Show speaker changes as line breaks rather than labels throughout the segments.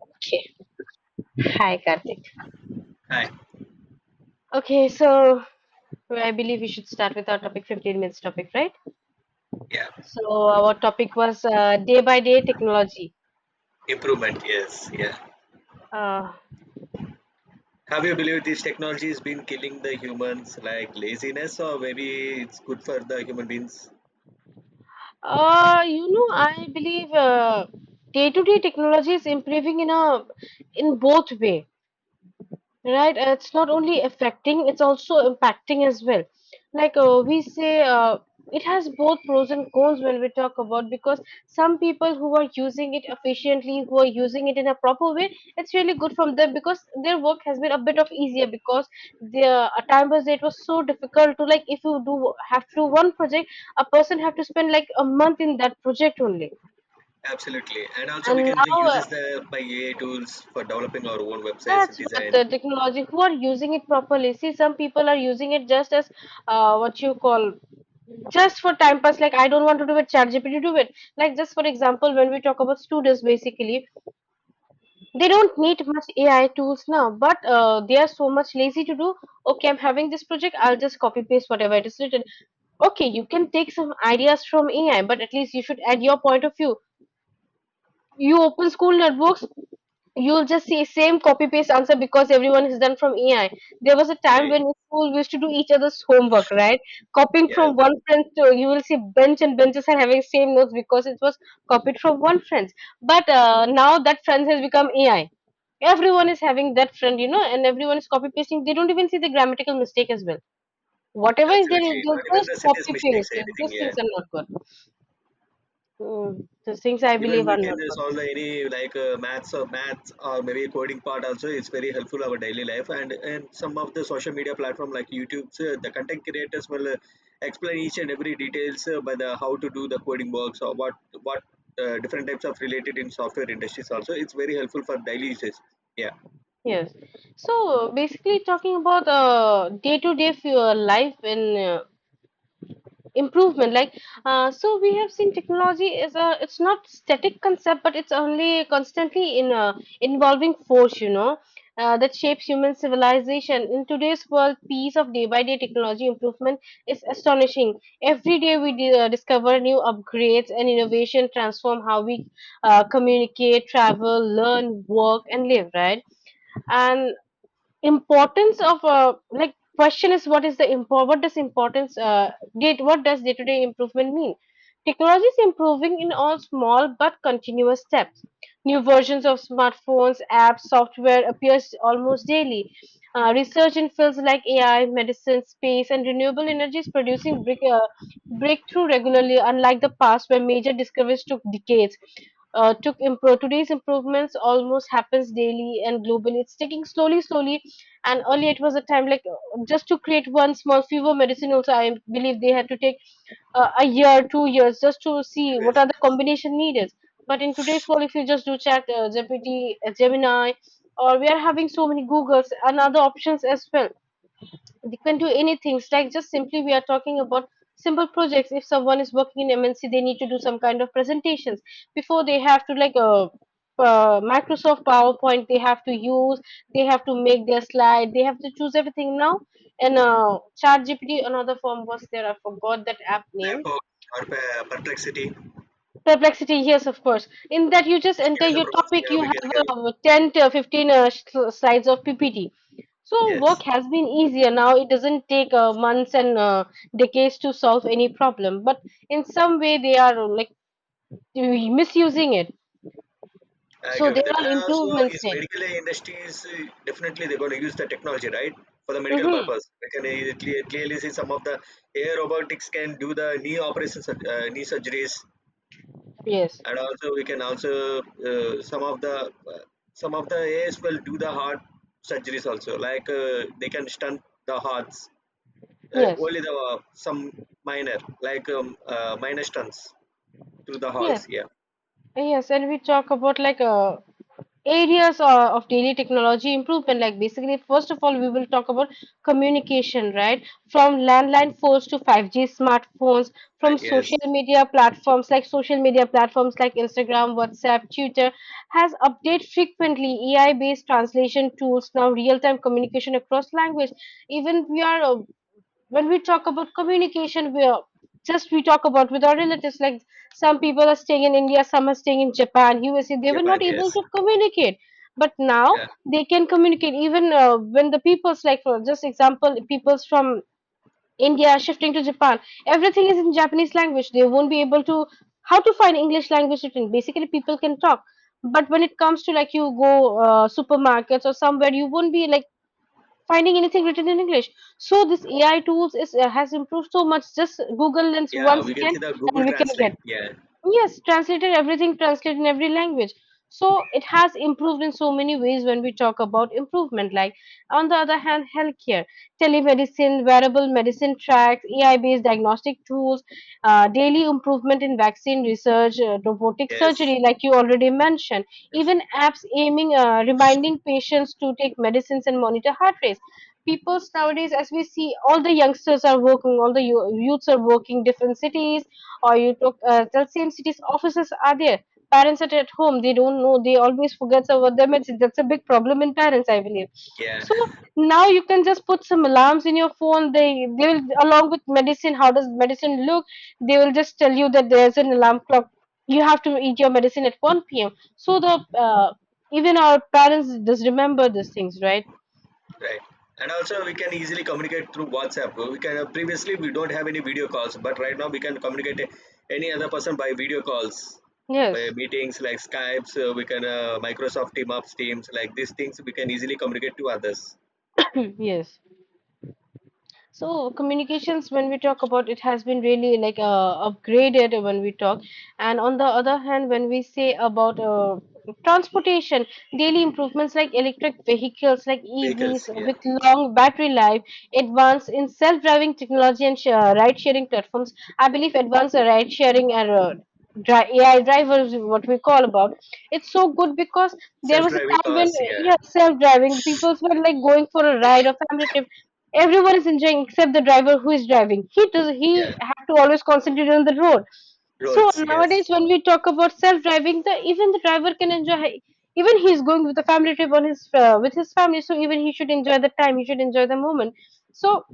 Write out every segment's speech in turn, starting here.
Okay. Hi, Karthik.
Hi.
Okay, so I believe we should start with our topic 15 minutes topic, right?
Yeah.
So our topic was day by day technology.
Improvement. Yes. Yeah.
Uh,
Have you believed this technology has been killing the humans like laziness, or maybe it's good for the human beings?
I believe day to day technology is improving in both way. Right, it's not only affecting, it's also impacting as well. Like, we say, it has both pros and cons when we talk about, because some people who are using it efficiently, who are using it in a proper way, it's really good from them because their work has been a bit of easier because the a time was it was so difficult to, like, if you do have to do one project, a person have to spend like a month in that project only.
Absolutely. And also we
And
can
now
use the by AI tools for developing our own websites,
that's what
design.
the technology, who are using it properly. See, some people are using it just as, what you call, just for time pass. Like, I don't want to do it, ChatGPT do it. Like, just for example, when we talk about students, basically, they don't need much AI tools now, but they are so much lazy to do. Okay, I'm having this project, I'll just copy paste whatever it is written. Okay, you can take some ideas from AI, but at least you should add your point of view. You open school networks, you'll just see same copy paste answer because everyone has done from ai. There was a time when
Yeah.
in school we used to do each other's homework, right? Copying
Yes.
from one friend, to you will see bench and benches are having same notes because it was copied from one friend. But now that friend has become ai, everyone is having that friend and everyone is copy pasting. They don't even see the grammatical mistake as well. Whatever is there,
Absolutely.
they'll
Not even
just
the sentence
copy
mistakes,
paste.
anything.
Those
Yeah.
things are not good. Those things I
Even
believe
we
are
can
not good.
solve the any maths or maths or maybe coding part also. It's very helpful our daily life, and some of the social media platform like YouTube, the content creators will explain each and every details by the how to do the coding works or what different types of related in software industries also. It's very helpful for daily uses, yeah.
Yes. So basically, talking about day-to-day life and improvement, like, so we have seen technology is a it's not static concept, but it's only constantly in involving force, that shapes human civilization. In today's world, piece of day-by-day technology improvement is astonishing. Every day we discover new upgrades and innovation transform how we communicate, travel, learn, work, and live. Right. And importance of, like, question is, what is the import, what does importance, date, what does day to day improvement mean. Technology is improving in all small but continuous steps. New versions of smartphones, apps, software appears almost daily. Research in fields like ai, medicine, space, and renewable energy is producing breakthrough regularly, unlike the past where major discoveries took decades. Took improve Today's improvements almost happens daily and globally, it's taking slowly slowly. And earlier it was a time, like, just to create one small fever medicine also, I believe they had to take, a year 2 years just to see
Yes.
what are the combination needed. But in today's world, if you just do chat gpt, gemini, or we are having so many googles and other options as well, they can do anything. It's like just simply we are talking about simple projects. If someone is working in MNC, they need to do some kind of presentations. Before they have to, like, Microsoft PowerPoint they have to use. They have to make their slide. They have to choose everything now. And ChatGPT, another form was there. I forgot that app
That
name.
box, or perplexity.
Perplexity, yes, of course. In that you just
Just
enter
given the
your
prompts,
topic,
yeah,
you
we can
have 10 to 15 slides of PPT. So
yes.
work has been easier now. It doesn't take months and decades to solve any problem. But in some way, they are, like, misusing it.
I agree
So there
with that.
are
And also,
improvements
is
in it.
medical industries, definitely they're going to use the technology, right, for the medical
Mm-hmm.
purpose. We can clearly see some of the air robotics can do the knee operations, knee surgeries,
Yes,
and also we can also some of the AIs will do the heart surgeries also. Like they can stunt the hearts,
yes,
only the some minor minor stunts through the
yes,
halls. Yeah.
yes. And we talk about, like, areas, of daily technology improvement, like, basically first of all we will talk about communication, right? From landline phones to 5G smartphones, from
Yes.
social media platforms like instagram, whatsapp, twitter, has update frequently. Ai based translation tools, now real time communication across language. Even we are, when we talk about communication, we are, just we talk about, with our relatives. Like, some people are staying in India, some are staying in Japan, USA. They were
Japan,
not able
yes,
to communicate, but now
yeah.
they can communicate. Even when the peoples, like for just example, peoples from India are shifting to Japan, everything is in Japanese language. They won't be able to, how to find English language written. Basically, people can talk. But when it comes to, like, you go supermarkets or somewhere, you won't be like finding anything written in English. So this AI tools is has improved so much. Just Google Lens
Yeah,
once
we can
can,
see the Google
and we can
Translate.
get.
Yeah,
Yes, translated everything, translated in every language. So it has improved in so many ways when we talk about improvement. Like, on the other hand, healthcare, telemedicine, wearable medicine tracks, AI-based diagnostic tools, daily improvement in vaccine research, robotic
yes,
surgery, like you already mentioned. Even apps aiming, reminding patients to take medicines and monitor heart rates. People nowadays, as we see, all the youngsters are working, all the youths are working different cities, or you talk, the same city's offices are there. Parents are at home, they don't know, they always forget about their medicine. That's a big problem in parents, I believe.
yeah,
So now you can just put some alarms in your phone. They will, along with medicine, how does medicine look, they will just tell you that there's an alarm clock. You have to eat your medicine at 1 p.m. So the uh, even our parents just remember these things, right?
right. And also, we can easily communicate through WhatsApp. We can previously we don't have any video calls, but right now we can communicate any other person by video calls, by
Yes.
meetings like Skypes. We can Microsoft Team Ups, Teams, like these things. We can easily communicate to others.
Yes. So communications, when we talk about it, has been really, like, upgraded when we talk. And on the other hand, when we say about transportation, daily improvements like electric vehicles, like
Vehicles,
EVs
yeah,
with long battery life, advance in self-driving technology and ride-sharing platforms. I believe advanced ride-sharing and AI drivers, what we call about, it's so good because there was a
self-driving
time when,
cars, yeah,
yeah, self-driving people were like going for a ride or family trip. Everyone is enjoying except the driver who is driving. He
yeah,
have to always concentrate on the road. So
roads, yes,
nowadays, when we talk about self-driving, the even the driver can enjoy. Even he is going with the family trip, on his with his family, so even he should enjoy the time. He should enjoy the moment. So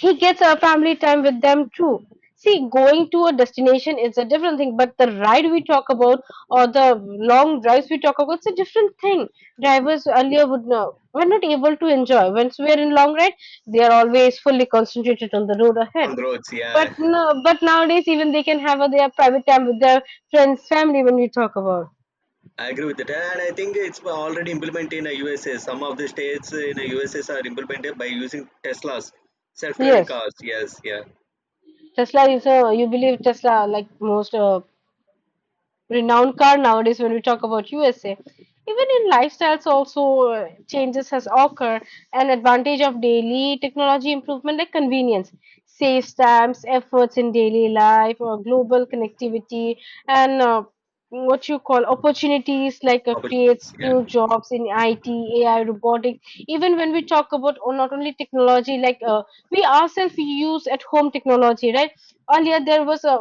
he gets a family time with them too. See, going to a destination is a different thing, but the ride we talk about, or the long drives we talk about, it's a different thing. Drivers earlier would know we're not able to enjoy. Once we're in long ride, they are always fully concentrated on the road ahead.
on the roads,
But
yeah.
no, but nowadays even they can have their private time with their friends, family. When we talk about,
I agree with that, and I think it's already implemented in the USA. Some of the states in the USA are implemented by using Teslas, self-driving
yes,
cars. Yes, yeah,
Tesla is a you believe Tesla like most renowned car nowadays when we talk about USA. Even in lifestyles also changes has occurred. An advantage of daily technology improvement, like convenience, saves times, efforts in daily life, or global connectivity, and, what you call, opportunities like, creates
opportunities. Yeah,
new jobs in IT, AI, robotics. Even when we talk about, oh, not only technology, like, we ourselves use at home technology, right? Earlier there was a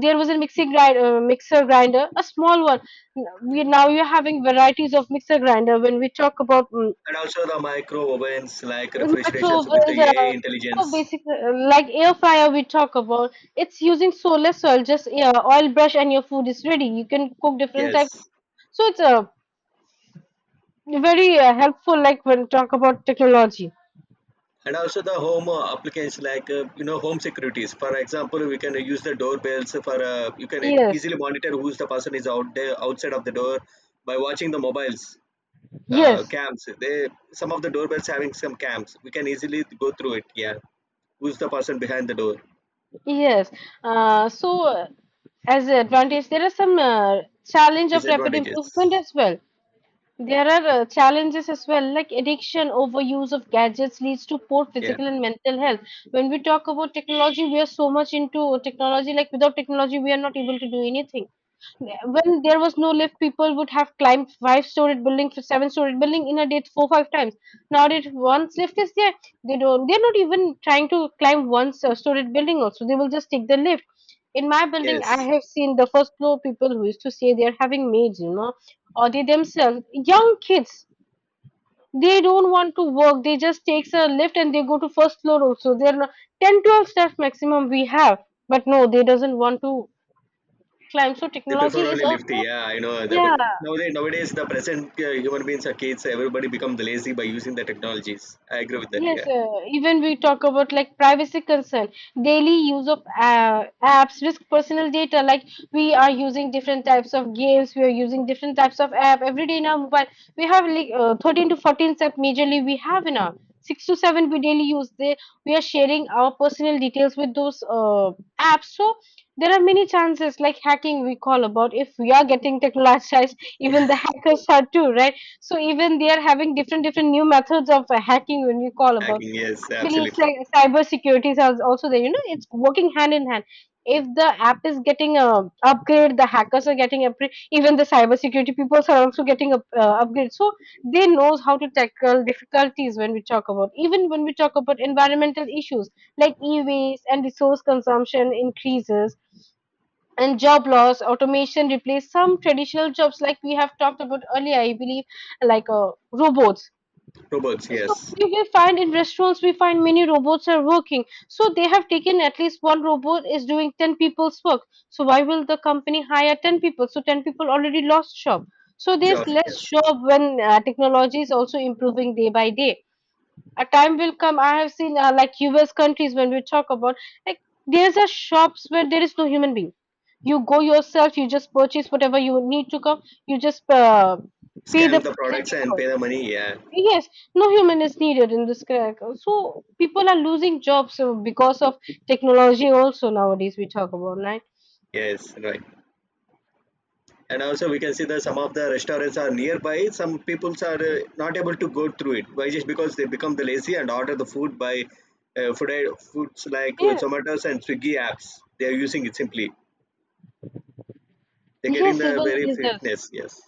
there was a mixer grinder, a small one. We are having varieties of mixer grinder. When we talk about,
and also the micro ovens like refrigerations with the
microovens,
AI
so
intelligence.
basic, like air fryer we talk about, it's using so less oil, just yeah, oil brush and your food is ready. You can cook different
Yes,
types. So it's a, very helpful. Like, when we talk about technology.
and also the home applications like you know home securities. For example, we can use the doorbells for you can
Yes,
easily monitor who's the person is out there outside of the door by watching the mobiles,
yes,
camps. They, some of the doorbells having some cams. We can easily go through it. Yeah, who's the person behind the door?
yes. So as an advantage, there are some challenge of rapid
Disadvantages.
improvement as well. There are challenges as well, like addiction, overuse of gadgets leads to poor
Yeah.
physical and mental health. When we talk about technology, we are so much into technology, like, without technology, we are not able to do anything. When there was no lift, people would have climbed five-story building, seven-story building in a day four, five times. Nowadays, once lift is there, they're not even trying to climb one story building also. They will just take the lift. In my building, I
Yes.
have seen the first floor people who used to say they're having maids, or they themselves young kids, they don't want to work. They just takes a lift and they go to first floor also. They're not, 10 12 steps maximum we have, but no, they doesn't want to climb. So
They prefer
technology is
only lifty.
also,
Yeah, I know.
yeah.
The, nowadays the present human beings are kids. So everybody become lazy by using the technologies. I agree with that. Yeah.
Yes, even we talk about like privacy concern, daily use of apps, risk personal data. Like we are using different types of games, we are using different types of app every day in our mobile. We have like 13 to 14 app majorly we have in our six to seven we daily use. They We are sharing our personal details with those apps. So there are many chances like hacking we call about. If we are getting technologized,
Yeah.
even the hackers are too, right? So even they are having different different new methods of hacking when you call about.
Hacking. Yes.
I believe
Absolutely.
cyber security is also there. You know, it's working hand in hand. If the app is getting upgrade, the hackers are getting upgrade. Even the cyber security people are also getting up, upgrade. So they knows how to tackle difficulties when we talk about. Even when we talk about environmental issues like e-waste and resource consumption increases, and job loss automation replaced some traditional jobs, like we have talked about earlier, I believe, like robots.
Robots.
So
Yes.
we will find in restaurants, we find many robots are working. So they have taken at least one robot is doing 10 people's work. So why will the company hire 10 people? So 10 people already lost job. So there's
Jobs.
less
Yes.
job when technology is also improving day by day. A time will come. I have seen like US countries when we talk about, like, there's a shops where there is no human being. You go yourself, you just purchase whatever you need to come. You just pay the
Scam the
price and
products
you
and
go.
pay the money. Yeah.
Yes, no human is needed in this crack. So people are losing jobs because of technology also, nowadays we talk about, right?
Yes. Right. And also we can see that some of the restaurants are nearby, some people are not able to go through it, why? Just because they become the lazy and order the food by food foods like
Yes,
Zomatos and Swiggy apps. They are using it simply. They're getting
yes,
the
even
very
in this.
fitness, yes.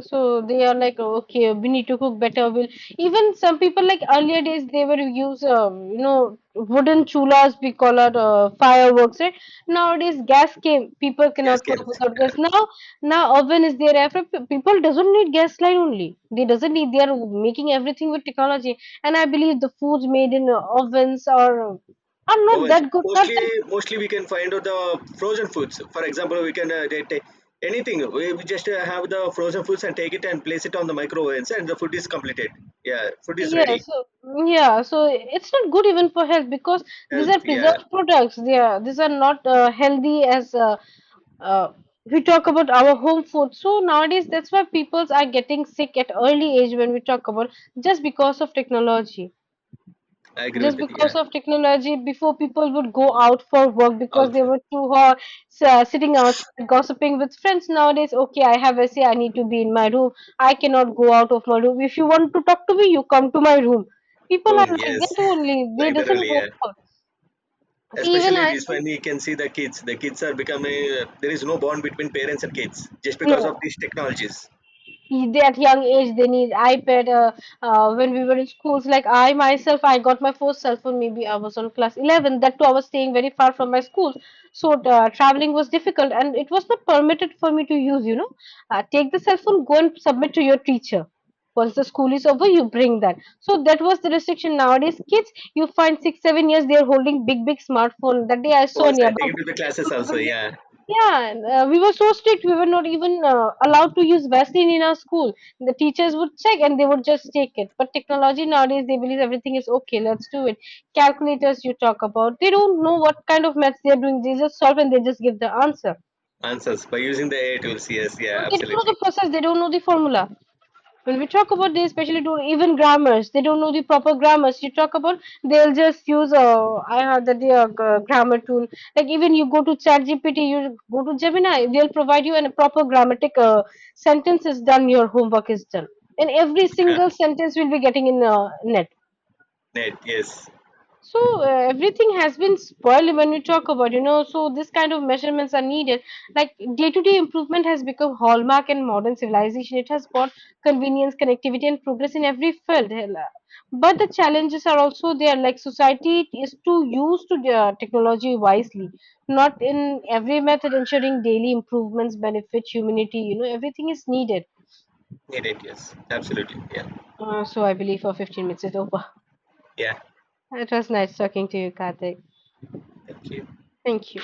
So they are like, okay, we need to cook better. We'll, even some people like earlier days, they were use you know, wooden chulas we call it, fireworks. Right? Nowadays gas came, people
Gas
cannot work
games,
without
yeah.
gas. Now now oven is there. Every people doesn't need gas line only. They doesn't need. They are making everything with technology. And I believe the foods made in ovens are not
Ovens,
that good, not.
mostly mostly we can find out the frozen foods. For example, we can they take anything. We just have the frozen foods and take it and place it on the microwave and the food is completed, yeah, food is
Yeah,
ready.
so yeah, so it's not good even for health because these are
Health, yeah.
preserved products. They are these are not healthy as uh, we talk about our home food. So nowadays, that's why peoples are getting sick at early age when we talk about, just because of technology,
I agree with
just
it,
because
yeah.
of technology. Before people would go out for work because they
Also,
were too hot, sitting outside gossiping with friends. Nowadays, okay, I have essay, I need to be in my room. I cannot go out of my room. If you want to talk to me, you come to my room. People
boom,
are like
yes,
that only, they
like that
doesn't
only.
go
Yeah.
out. See, even
Especially
I
this
see.
one, you can see the kids. The kids are becoming. Uh, there is no bond between parents and kids just because of
No,
these technologies.
at young age they need iPad. When we were in schools, like I myself, I got my first cell phone maybe I was on class 11. That too I was staying very far from my school, so traveling was difficult and it was not permitted for me to use, you know. Take the cell phone, go and submit to your teacher. Once the school is over, you bring that. So that was the restriction. Nowadays kids, you find 6 7 years, they're holding big big smartphone that day I saw
Phones. I take
nearby.
it to the classes also. Yeah,
Yeah, and, we were so strict. We were not even allowed to use Vaseline in our school. The teachers would check and they would just take it. But technology nowadays, they believe everything is okay. Let's do it. Calculators you talk about, they don't know what kind of maths they're doing. They just solve and they just give the answer.
answers by using the AI tools. Yes, yeah,
They okay, don't know
absolutely.
the process. They don't know the formula. When we talk about, they especially do even grammars, they don't know the proper grammars. You talk about, they'll just use I heard that the grammar tool. Like even you go to ChatGPT, you go to Gemini, they'll provide you a proper grammatic sentence is done. Your homework is done, and every single sentence will be getting in net.
Net. Yes,
So everything has been spoiled when we talk about, you know. So this kind of measurements are needed. Like day-to-day improvement has become hallmark in modern civilization. It has brought convenience, connectivity, and progress in every field. Hell, but the challenges are also there. Like society is too used to technology wisely, not in every method ensuring daily improvements benefit humanity. You know, everything is needed.
need it. Yes, absolutely. Yeah,
So I believe for 15 minutes is over.
yeah.
It was nice talking to you, Karthik.
Thank you.
Thank you.